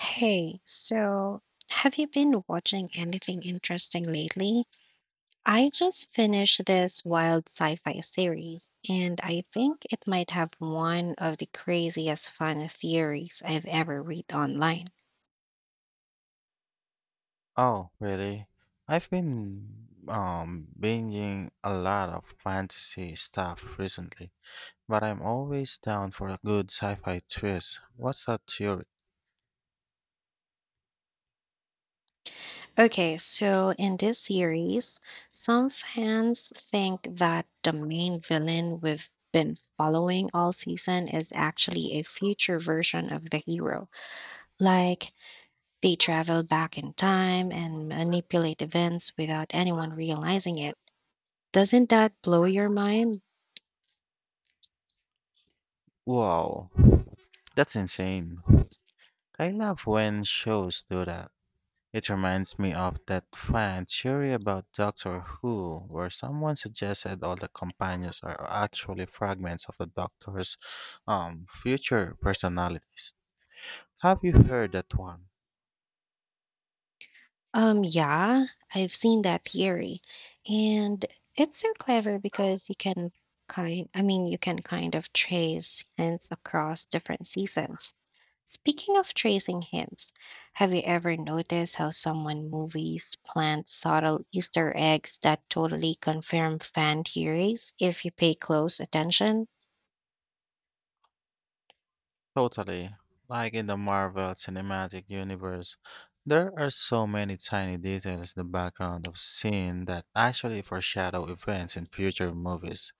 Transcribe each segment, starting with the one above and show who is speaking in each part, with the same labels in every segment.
Speaker 1: Hey, so have you been watching anything interesting lately? I just finished this wild sci-fi series, and I think it might have one of the craziest fun theories I've ever read online.
Speaker 2: Oh, really? I've been binging a lot of fantasy stuff recently, but I'm always down for a good sci-fi twist. What's that theory?
Speaker 1: Okay, so in this series, some fans think that the main villain we've been following all season is actually a future version of the hero. Like, they travel back in time and manipulate events without anyone realizing it. Doesn't that blow your mind?
Speaker 2: Wow, that's insane. I love when shows do that. It reminds me of that fan theory about Doctor Who, where someone suggested all the companions are actually fragments of the Doctor's future personalities. Have you heard that one?
Speaker 1: Yeah, I've seen that theory. And it's so clever because you can kind I mean, you can kind of trace hints across different seasons. Speaking of tracing hints, have you ever noticed how someone movies plant subtle Easter eggs that totally confirm fan theories if you pay close attention?
Speaker 2: Totally. Like in the Marvel Cinematic Universe, there are so many tiny details in the background of scene that actually foreshadow events in future movies.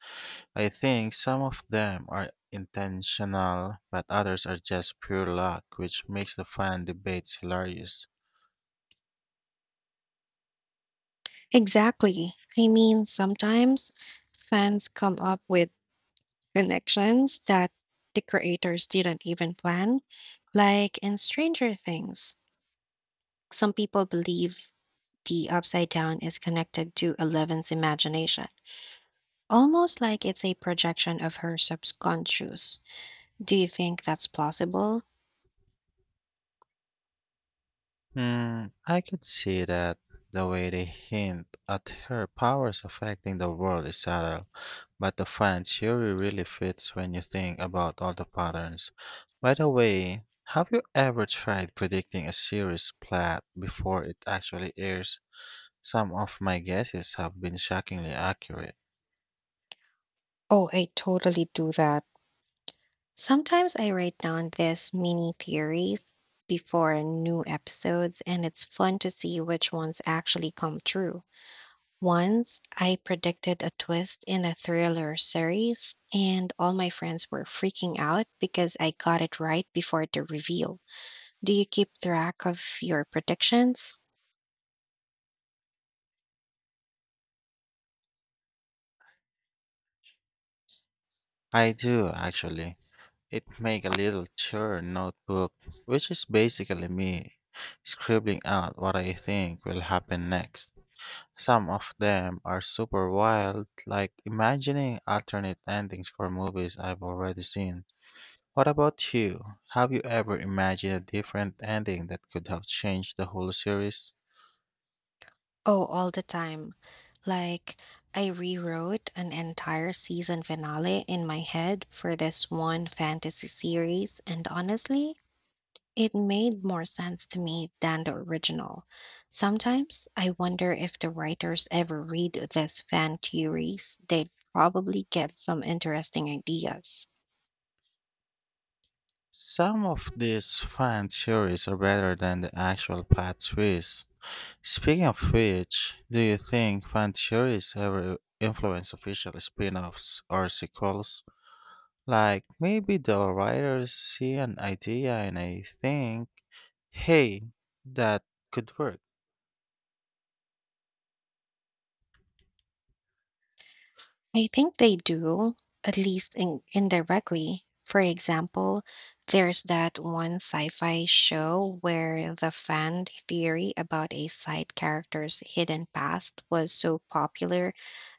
Speaker 2: I think some of them are intentional, but others are just pure luck, which makes the fan debates hilarious.
Speaker 1: Exactly. I mean, sometimes fans come up with connections that the creators didn't even plan, like in Stranger Things. Some people believe the Upside Down is connected to Eleven's imagination, almost like it's a projection of her subconscious. Do you think that's plausible?
Speaker 2: Hmm, I could see that the way they hint at her powers affecting the world is subtle. But the fan theory really fits when you think about all the patterns. By the way, have you ever tried predicting a series plot before it actually airs? Some of my guesses have been shockingly accurate.
Speaker 1: Oh, I totally do that. Sometimes I write down these mini theories before new episodes, and it's fun to see which ones actually come true. Once I predicted a twist in a thriller series, and all my friends were freaking out because I got it right before the reveal. Do you keep track of your predictions?
Speaker 2: I do, actually. It make a little churn notebook, which is basically me scribbling out what I think will happen next. Some of them are super wild, like imagining alternate endings for movies I've already seen. What about you? Have you ever imagined a different ending that could have changed the whole series?
Speaker 1: Oh, all the time. Like, I rewrote an entire season finale in my head for this one fantasy series, and honestly, it made more sense to me than the original. Sometimes I wonder if the writers ever read these fan theories, they'd probably get some interesting ideas.
Speaker 2: Some of these fan theories are better than the actual plot twists. Speaking of which, do you think fan theories ever influence official spin offs or sequels? Like, maybe the writers see an idea and I think, hey, that could work.
Speaker 1: I think they do, at least indirectly. For example, there's that one sci fi show where the fan theory about a side character's hidden past was so popular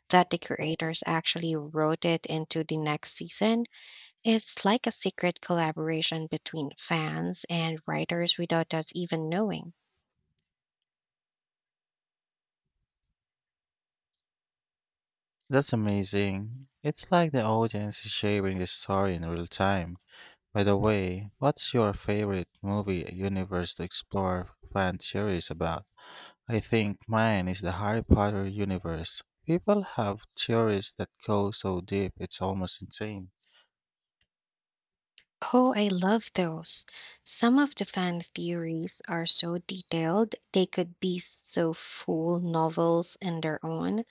Speaker 1: that the creators actually wrote it into the next season. It's like a secret collaboration between fans and writers without us even knowing.
Speaker 2: That's amazing. It's like the audience is shaping the story in real time. By the way, what's your favorite movie universe to explore fan theories about? I think mine is the Harry Potter universe. People have theories that go so deep it's almost insane.
Speaker 1: Oh, I love those. Some of the fan theories are so detailed, they could be so full novels in their own,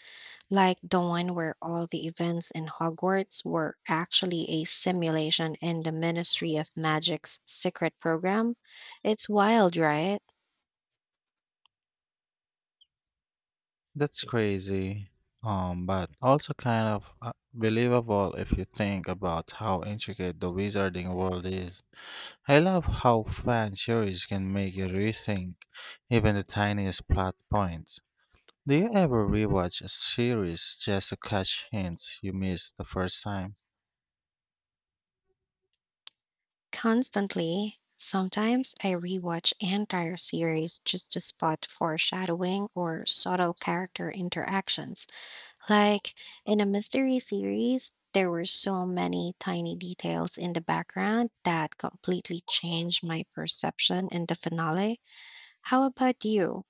Speaker 1: like the one where all the events in Hogwarts were actually a simulation in the Ministry of Magic's secret program. It's wild, right?
Speaker 2: That's crazy. But also kind of believable if you think about how intricate the wizarding world is. I love how fan theories can make you rethink even the tiniest plot points. Do you ever rewatch a series just to catch hints you missed the first time?
Speaker 1: Constantly. Sometimes I rewatch entire series just to spot foreshadowing or subtle character interactions. Like in a mystery series, there were so many tiny details in the background that completely changed my perception in the finale. How about you?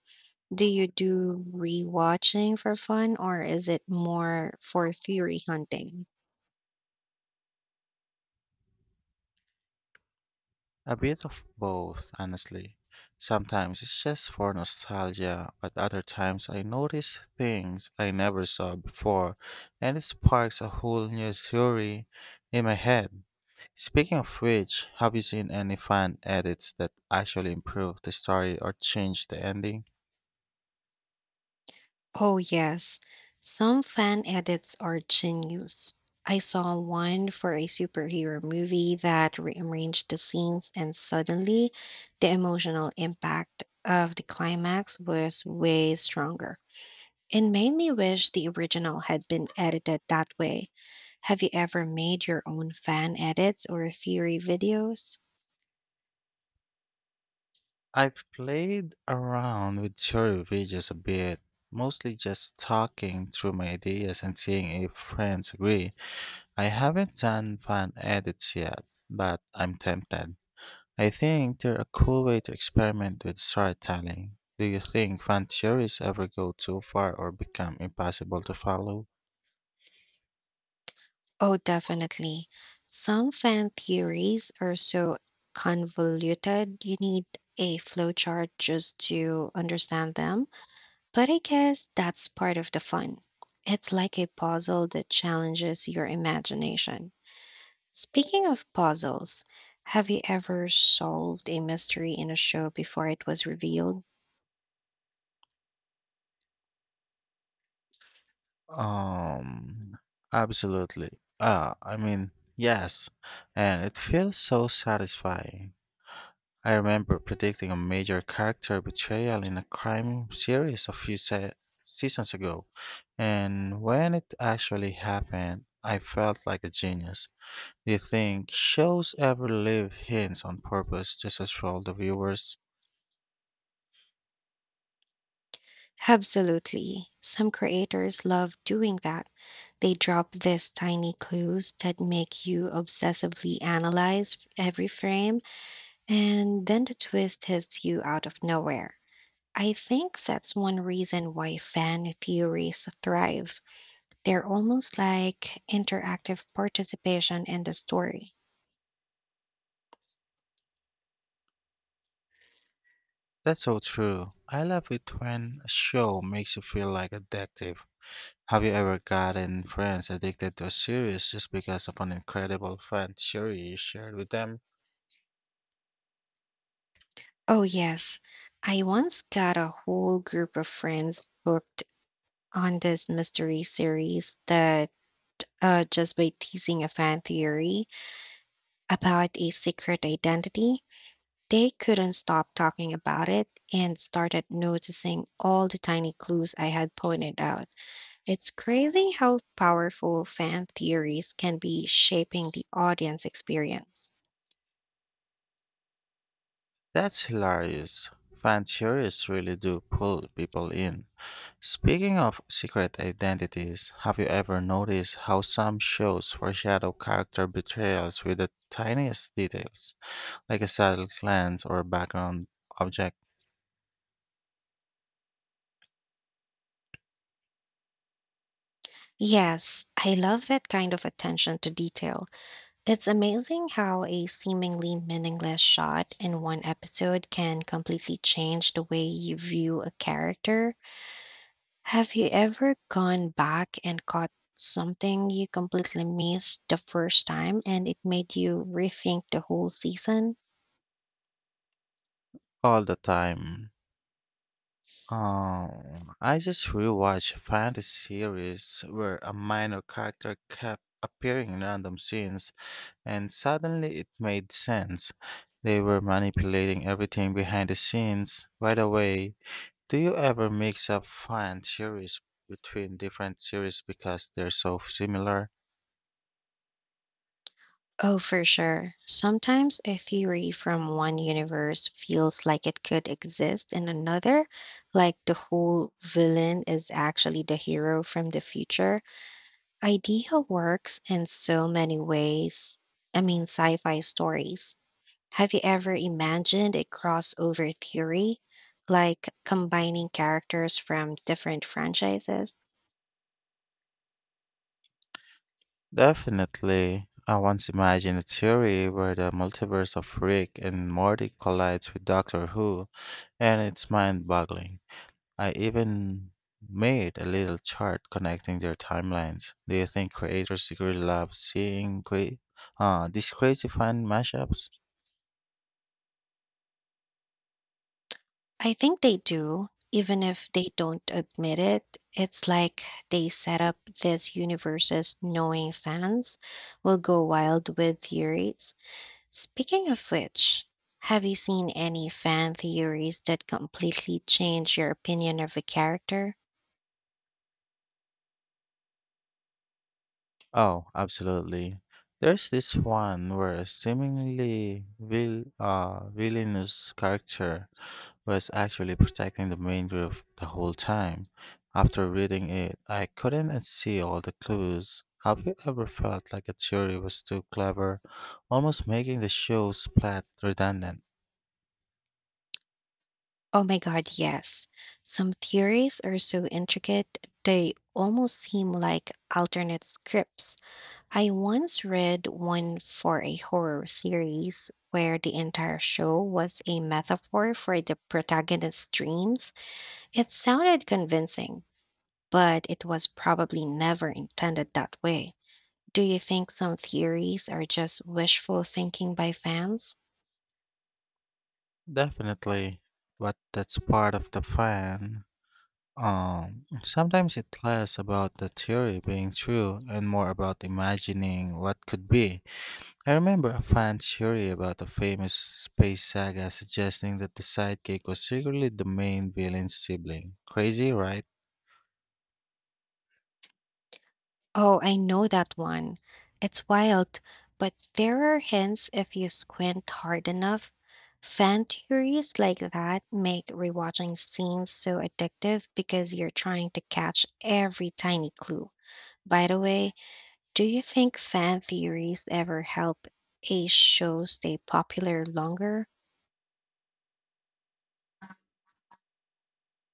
Speaker 1: Do you do rewatching for fun or is it more for theory hunting?
Speaker 2: A bit of both, honestly. Sometimes it's just for nostalgia, but other times I notice things I never saw before, and it sparks a whole new theory in my head. Speaking of which, have you seen any fan edits that actually improve the story or change the ending?
Speaker 1: Oh, yes. Some fan edits are genius. I saw one for a superhero movie that rearranged the scenes, and suddenly the emotional impact of the climax was way stronger. It made me wish the original had been edited that way. Have you ever made your own fan edits or theory videos?
Speaker 2: I've played around with short videos a bit, mostly just talking through my ideas and seeing if friends agree. I haven't done fan edits yet, but I'm tempted. I think they're a cool way to experiment with storytelling. Do you think fan theories ever go too far or become impossible to follow?
Speaker 1: Oh, definitely. Some fan theories are so convoluted, you need a flowchart just to understand them. But I guess that's part of the fun. It's like a puzzle that challenges your imagination. Speaking of puzzles, have you ever solved a mystery in a show before it was revealed?
Speaker 2: Um, Absolutely. I mean, yes, and it feels so satisfying. I remember predicting a major character betrayal in a crime series a few seasons ago, and when it actually happened, I felt like a genius. Do you think shows ever leave hints on purpose just to troll the viewers?
Speaker 1: Absolutely. Some creators love doing that. They drop these tiny clues that make you obsessively analyze every frame, and then the twist hits you out of nowhere. I think that's one reason why fan theories thrive. They're almost like interactive participation in the story.
Speaker 2: That's so true. I love it when a show makes you feel like a detective. Have you ever gotten friends addicted to a series just because of an incredible fan theory you shared with them?
Speaker 1: Oh, yes. I once got a whole group of friends hooked on this mystery series that just by teasing a fan theory about a secret identity, they couldn't stop talking about it and started noticing all the tiny clues I had pointed out. It's crazy how powerful fan theories can be shaping the audience experience.
Speaker 2: That's hilarious. Fan theories really do pull people in. Speaking of secret identities, have you ever noticed how some shows foreshadow character betrayals with the tiniest details, like a subtle glance or background object,
Speaker 1: Yes, I love that kind of attention to detail. It's amazing how a seemingly meaningless shot in one episode can completely change the way you view a character. Have you ever gone back and caught something you completely missed the first time and it made you rethink the whole season?
Speaker 2: all the time? I just rewatched a fantasy series where a minor character kept appearing in random scenes. And suddenly it made sense. They were manipulating everything behind the scenes. By the way, do you ever mix up fan series between different series because they're so similar?
Speaker 1: Oh, for sure. Sometimes a theory from one universe feels like it could exist in another, like the whole villain is actually the hero from the future. Idea works in so many ways. I mean, sci fi stories. Have you ever imagined a crossover theory, like combining characters from different franchises?
Speaker 2: Definitely. I once imagined a theory where the multiverse of Rick and Morty collides with Doctor Who, and it's mind boggling. I even made a little chart connecting their timelines. Do you think creators secretly love seeing these crazy fan mashups?
Speaker 1: I think they do, even if they don't admit it. It's like they set up these universes knowing fans will go wild with theories. Speaking of which, have you seen any fan theories that completely change your opinion of a character?
Speaker 2: Oh, absolutely. There's this one where a seemingly villainous character was actually protecting the main group the whole time. After reading it, I couldn't unsee all the clues. Have you ever felt like a theory was too clever, almost making the show's plot redundant?
Speaker 1: Oh my God, yes. Some theories are so intricate, they almost seem like alternate scripts. I once read one for a horror series where the entire show was a metaphor for the protagonist's dreams. It sounded convincing, but it was probably never intended that way. Do you think some theories are just wishful thinking by fans?
Speaker 2: Definitely, but that's part of the fun. Sometimes it's less about the theory being true and more about imagining what could be. I remember a fan theory about a famous space saga suggesting that the sidekick was secretly the main villain's sibling. Crazy, right?
Speaker 1: Oh, I know that one. It's wild, but there are hints if you squint hard enough. Fan theories like that make rewatching scenes so addictive because you're trying to catch every tiny clue. By the way, do you think fan theories ever help a show stay popular longer?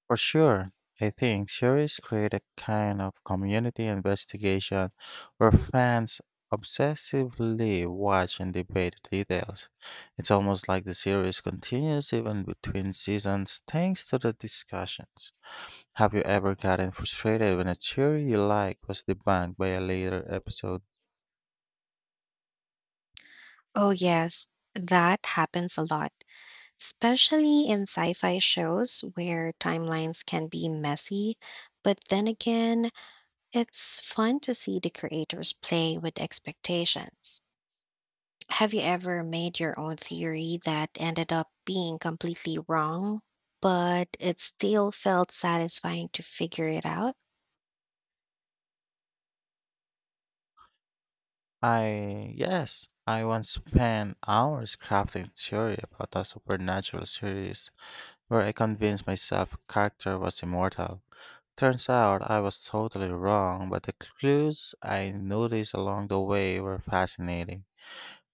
Speaker 2: For sure. I think series create a kind of community investigation where fans obsessively watch and debate details. It's almost like the series continues even between seasons thanks to the discussions. Have you ever gotten frustrated when a theory you like was debunked by a later episode?
Speaker 1: Oh, yes, that happens a lot, especially in sci fi shows where timelines can be messy. But then again, it's fun to see the creators play with expectations. Have you ever made your own theory that ended up being completely wrong, but it still felt satisfying to figure it out?
Speaker 2: I yes. I once spent hours crafting a theory about a supernatural series where I convinced myself character was immortal. Turns out I was totally wrong, but the clues I noticed along the way were fascinating.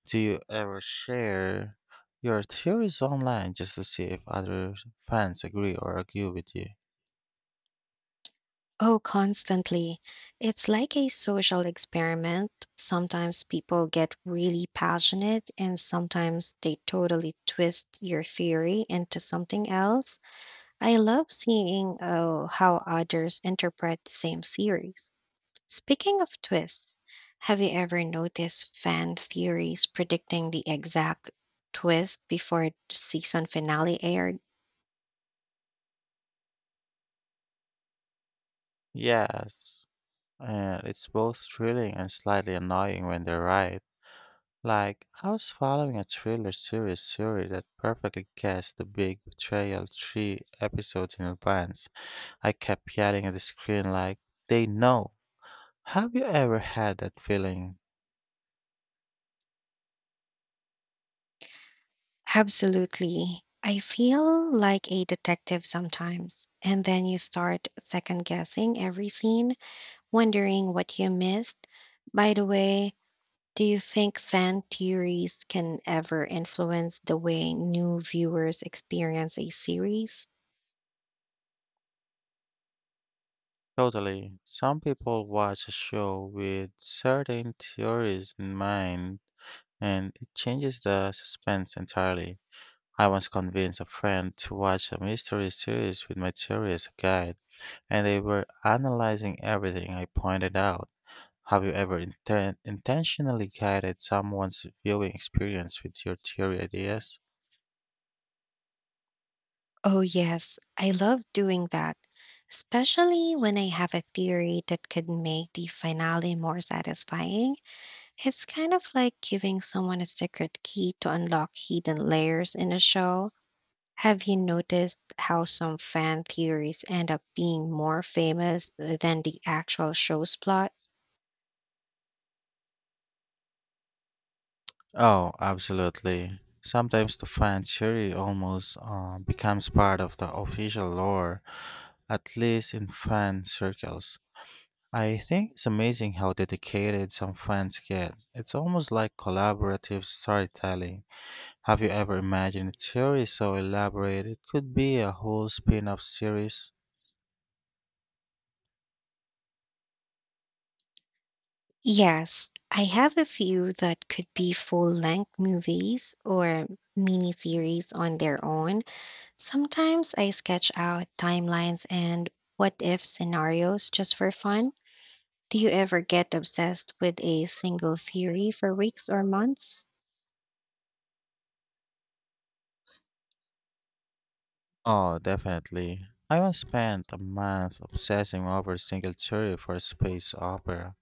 Speaker 2: Do you ever share your theories online just to see if other fans agree or argue with you?
Speaker 1: Oh, constantly. It's like a social experiment. Sometimes people get really passionate, and sometimes they totally twist your theory into something else. I love seeing how others interpret the same series. Speaking of twists, have you ever noticed fan theories predicting the exact twist before the season finale aired?
Speaker 2: Yes, and it's both thrilling and slightly annoying when they're right. Like, I was following a thriller series theory that perfectly guessed the big betrayal three episodes in advance. I kept yelling at the screen, like, they know. Have you ever had that feeling?
Speaker 1: Absolutely. I feel like a detective sometimes. And then you start second guessing every scene, wondering what you missed. By the way, do you think fan theories can ever influence the way new viewers experience a series?
Speaker 2: Totally. Some people watch a show with certain theories in mind and it changes the suspense entirely. I once convinced a friend to watch a mystery series with my theory as a guide, and they were analyzing everything I pointed out. Have you ever intentionally guided someone's viewing experience with your theory ideas?
Speaker 1: Oh, yes, I love doing that, especially when I have a theory that could make the finale more satisfying. It's kind of like giving someone a secret key to unlock hidden layers in a show. Have you noticed how some fan theories end up being more famous than the actual show's plot?
Speaker 2: Oh, absolutely. Sometimes the fan theory almost becomes part of the official lore, at least in fan circles. I think it's amazing how dedicated some fans get. It's almost like collaborative storytelling. Have you ever imagined a theory so elaborate it could be a whole spin off series?
Speaker 1: Yes, I have a few that could be full length movies or miniseries on their own. Sometimes I sketch out timelines and what if scenarios just for fun. Do you ever get obsessed with a single theory for weeks or months?
Speaker 2: Oh, definitely. I once spent a month obsessing over a single theory for a space opera,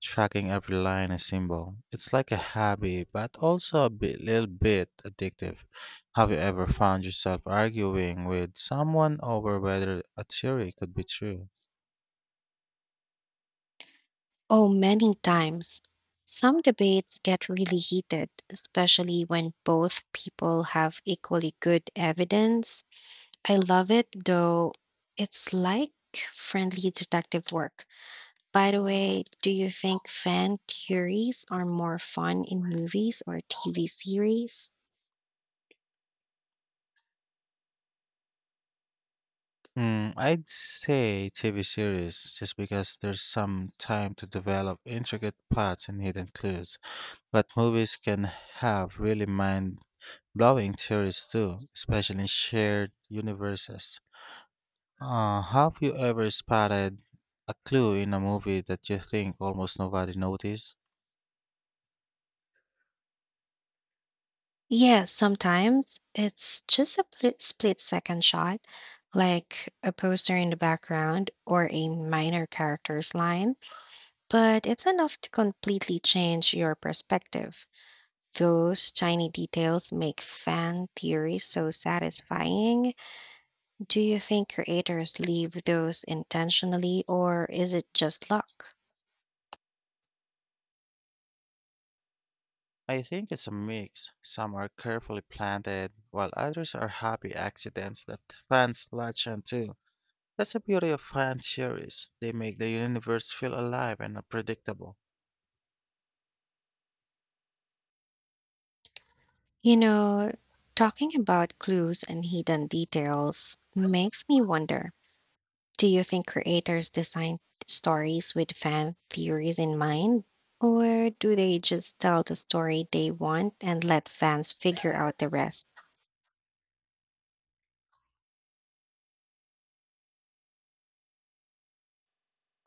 Speaker 2: tracking every line and symbol. It's like a hobby, but also little bit addictive. Have you ever found yourself arguing with someone over whether a theory could be true?
Speaker 1: Oh, many times. Some debates get really heated, especially when both people have equally good evidence. I love it though. It's like friendly detective work. By the way, do you think fan theories are more fun in movies or TV series?
Speaker 2: Hmm, I'd say TV series, just because there's some time to develop intricate plots and hidden clues. But movies can have really mind blowing theories too, especially in shared universes. Have you ever spotted a clue in a movie that you think almost nobody noticed?
Speaker 1: Yeah, sometimes it's just a split second shot, like a poster in the background or a minor character's line, but it's enough to completely change your perspective. Those tiny details make fan theories so satisfying. Do you think creators leave those intentionally, or is it just luck?
Speaker 2: I think it's a mix. Some are carefully planted, while others are happy accidents that fans latch onto. That's the beauty of fan theories. They make the universe feel alive and unpredictable.
Speaker 1: You know, talking about clues and hidden details makes me wonder. Do you think creators design stories with fan theories in mind? Or do they just tell the story they want and let fans figure out the rest?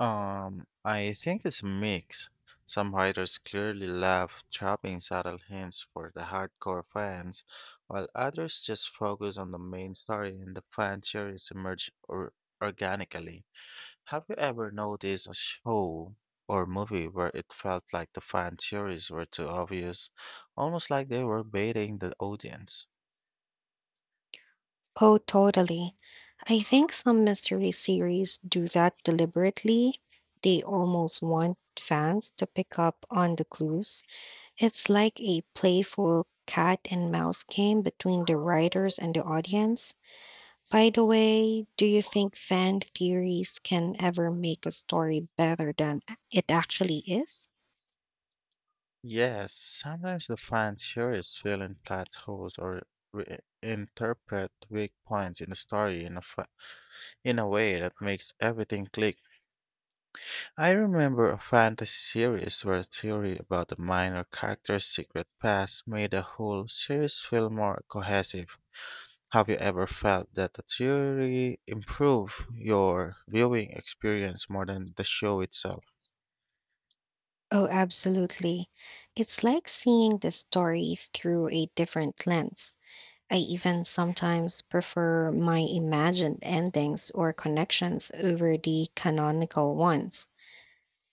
Speaker 2: I think it's a mix. Some writers clearly love dropping subtle hints for the hardcore fans, while others just focus on the main story and the fan theories emerge or organically. Have you ever noticed a show or movie where it felt like the fan theories were too obvious, almost like they were baiting the audience?
Speaker 1: Oh, totally. I think some mystery series do that deliberately. They almost want fans to pick up on the clues. It's like a playful cat and mouse game between the writers and the audience. By the way, do you think fan theories can ever make a story better than it actually is?
Speaker 2: Yes, sometimes the fan theories fill in plot holes or reinterpret weak points in the story in a way that makes everything click. I remember a fantasy series where a theory about a minor character's secret past made the whole series feel more cohesive. Have you ever felt that a theory improved your viewing experience more than the show itself?
Speaker 1: Oh, absolutely. It's like seeing the story through a different lens. I even sometimes prefer my imagined endings or connections over the canonical ones.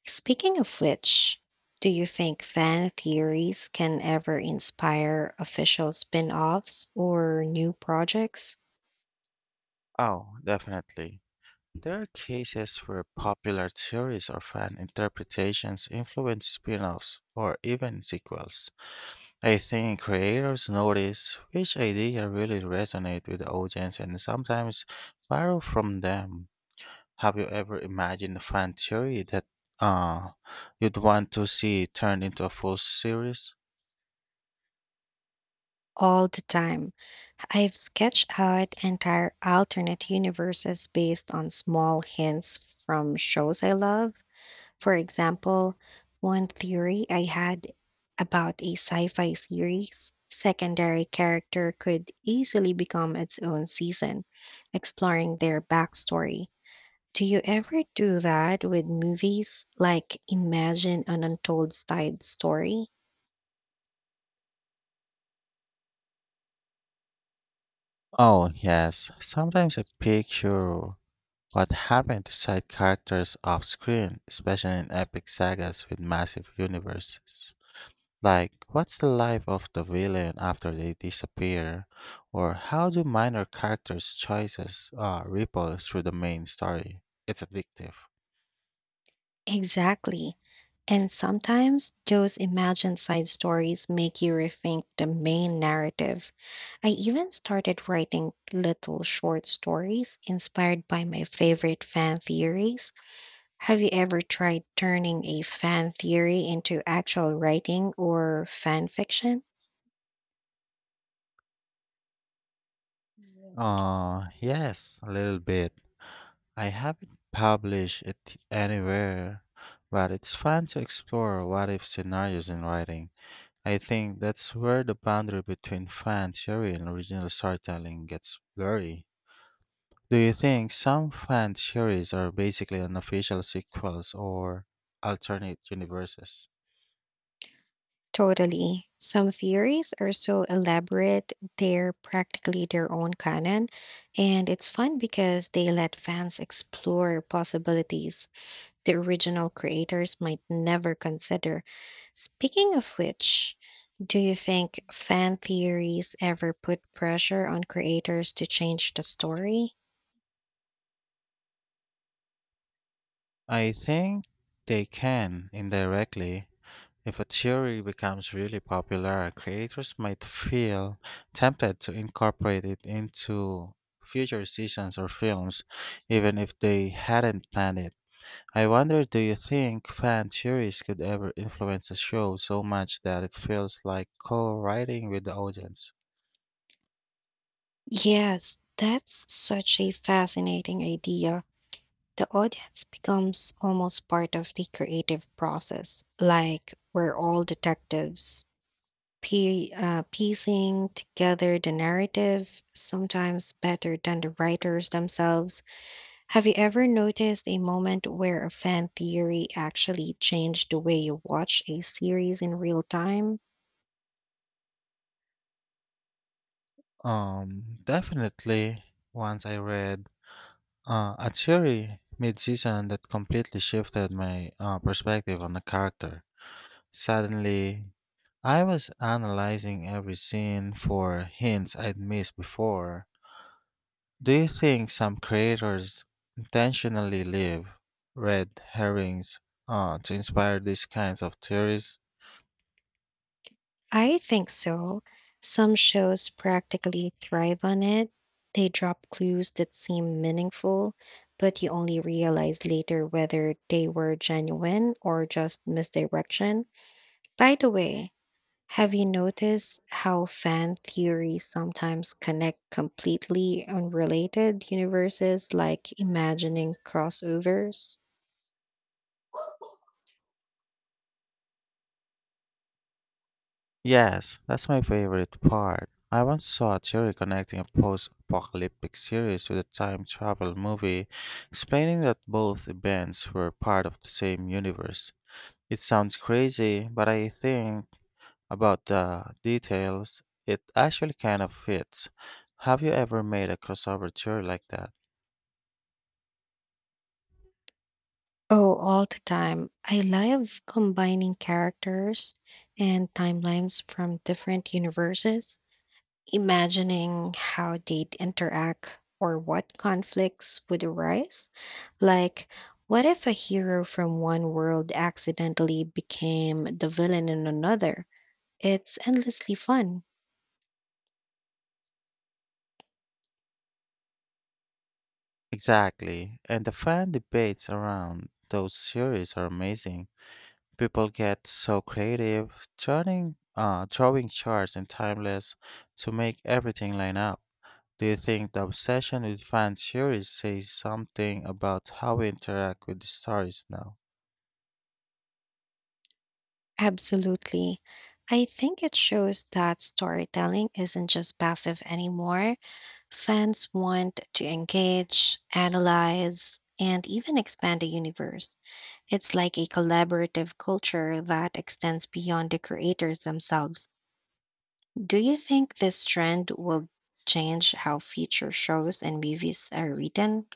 Speaker 1: Speaking of which, do you think fan theories can ever inspire official spin offs or new projects?
Speaker 2: Oh, definitely. There are cases where popular theories or fan interpretations influence spin offs or even sequels. I think creators notice which idea really resonates with the audience and sometimes borrow from them. Have you ever imagined a fan theory that uh, you'd want to see turned into a full series?
Speaker 1: All the time. I've sketched out entire alternate universes based on small hints from shows I love. For example, one theory I had about a sci fi series secondary character could easily become its own season, exploring their backstory. Do you ever do that with movies? Like imagine an untold side story?
Speaker 2: Oh, yes. Sometimes I picture what happened to side characters off screen, especially in epic sagas with massive universes? Like, what's the life of the villain after they disappear? Or how do minor characters' choices ripple through the main story? It's addictive.
Speaker 1: Exactly. And sometimes those imagined side stories make you rethink the main narrative. I even started writing little short stories inspired by my favorite fan theories. Have you ever tried turning a fan theory into actual writing or fan fiction?
Speaker 2: Yes, a little bit. I haven't published it anywhere, but it's fun to explore what if scenarios in writing. I think that's where the boundary between fan theory and original storytelling gets blurry. Do you think some fan theories are basically unofficial sequels or alternate universes?
Speaker 1: Totally. Some theories are so elaborate, they're practically their own canon, and it's fun because they let fans explore possibilities the original creators might never consider. Speaking of which, do you think fan theories ever put pressure on creators to change the story?
Speaker 2: I think they can indirectly. If a theory becomes really popular, creators might feel tempted to incorporate it into future seasons or films, even if they hadn't planned it. I wonder, do you think fan theories could ever influence a show so much that it feels like co-writing with the audience?
Speaker 1: Yes, that's such a fascinating idea. The audience becomes almost part of the creative process. Like we're all detectives, piecing together the narrative, sometimes better than the writers themselves. Have you ever noticed a moment where a fan theory actually changed the way you watch a series in real time?
Speaker 2: Definitely. Once I read a theory mid-season that completely shifted my perspective on the character. Suddenly, I was analyzing every scene for hints I'd missed before. Do you think some creators intentionally leave red herrings on to inspire these kinds of theories?
Speaker 1: I think so. Some shows practically thrive on it. They drop clues that seem meaningful, but you only realize later whether they were genuine or just misdirection. By the way, have you noticed how fan theories sometimes connect completely unrelated universes, like imagining crossovers?
Speaker 2: Yes, that's my favorite part. I once saw a theory connecting a post apocalyptic series with a time travel movie, explaining that both events were part of the same universe. It sounds crazy, but I think about the details, it actually kind of fits. Have you ever made a crossover theory like that?
Speaker 1: Oh, all the time. I love combining characters and timelines from different universes, imagining how they'd interact or what conflicts would arise. Like, what if a hero from one world accidentally became the villain in another? It's endlessly fun.
Speaker 2: Exactly. And the fan debates around those series are amazing. People get so creative, turning drawing charts and timeless to make everything line up. Do you think the obsession with fan series says something about how we interact with the stories now?
Speaker 1: Absolutely. I think it shows that storytelling isn't just passive anymore. Fans want to engage, analyze, and even expand the universe. It's like a collaborative culture that extends beyond the creators themselves. Do you think this trend will change how future shows and movies are written?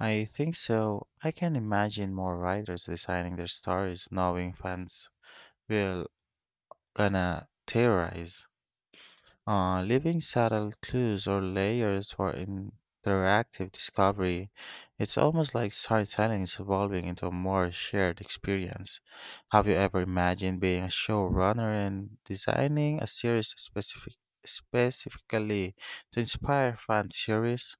Speaker 2: I think so. I can imagine more writers designing their stories knowing fans will gonna theorize. Leaving subtle clues or layers for interactive discovery, it's almost like storytelling is evolving into a more shared experience. Have you ever imagined being a showrunner and designing a series specifically to inspire fan series?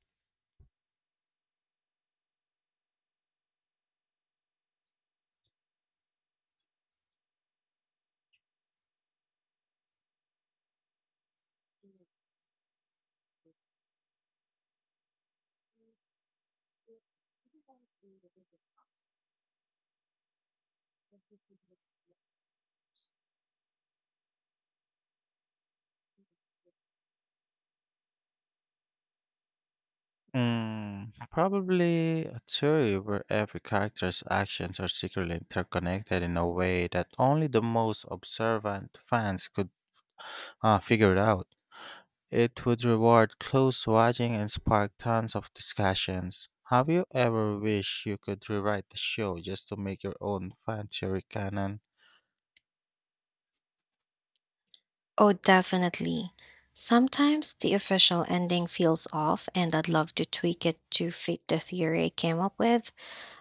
Speaker 2: Mm, probably a theory where every character's actions are secretly interconnected in a way that only the most observant fans could figure out. It would reward close watching and spark tons of discussions. Have you ever wished you could rewrite the show just to make your own fancy canon?
Speaker 1: Oh, definitely. Sometimes the official ending feels off, and I'd love to tweak it to fit the theory I came up with.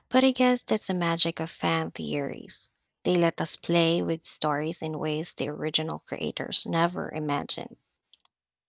Speaker 1: But I guess that's the magic of fan theories. They let us play with stories in ways the original creators never imagined.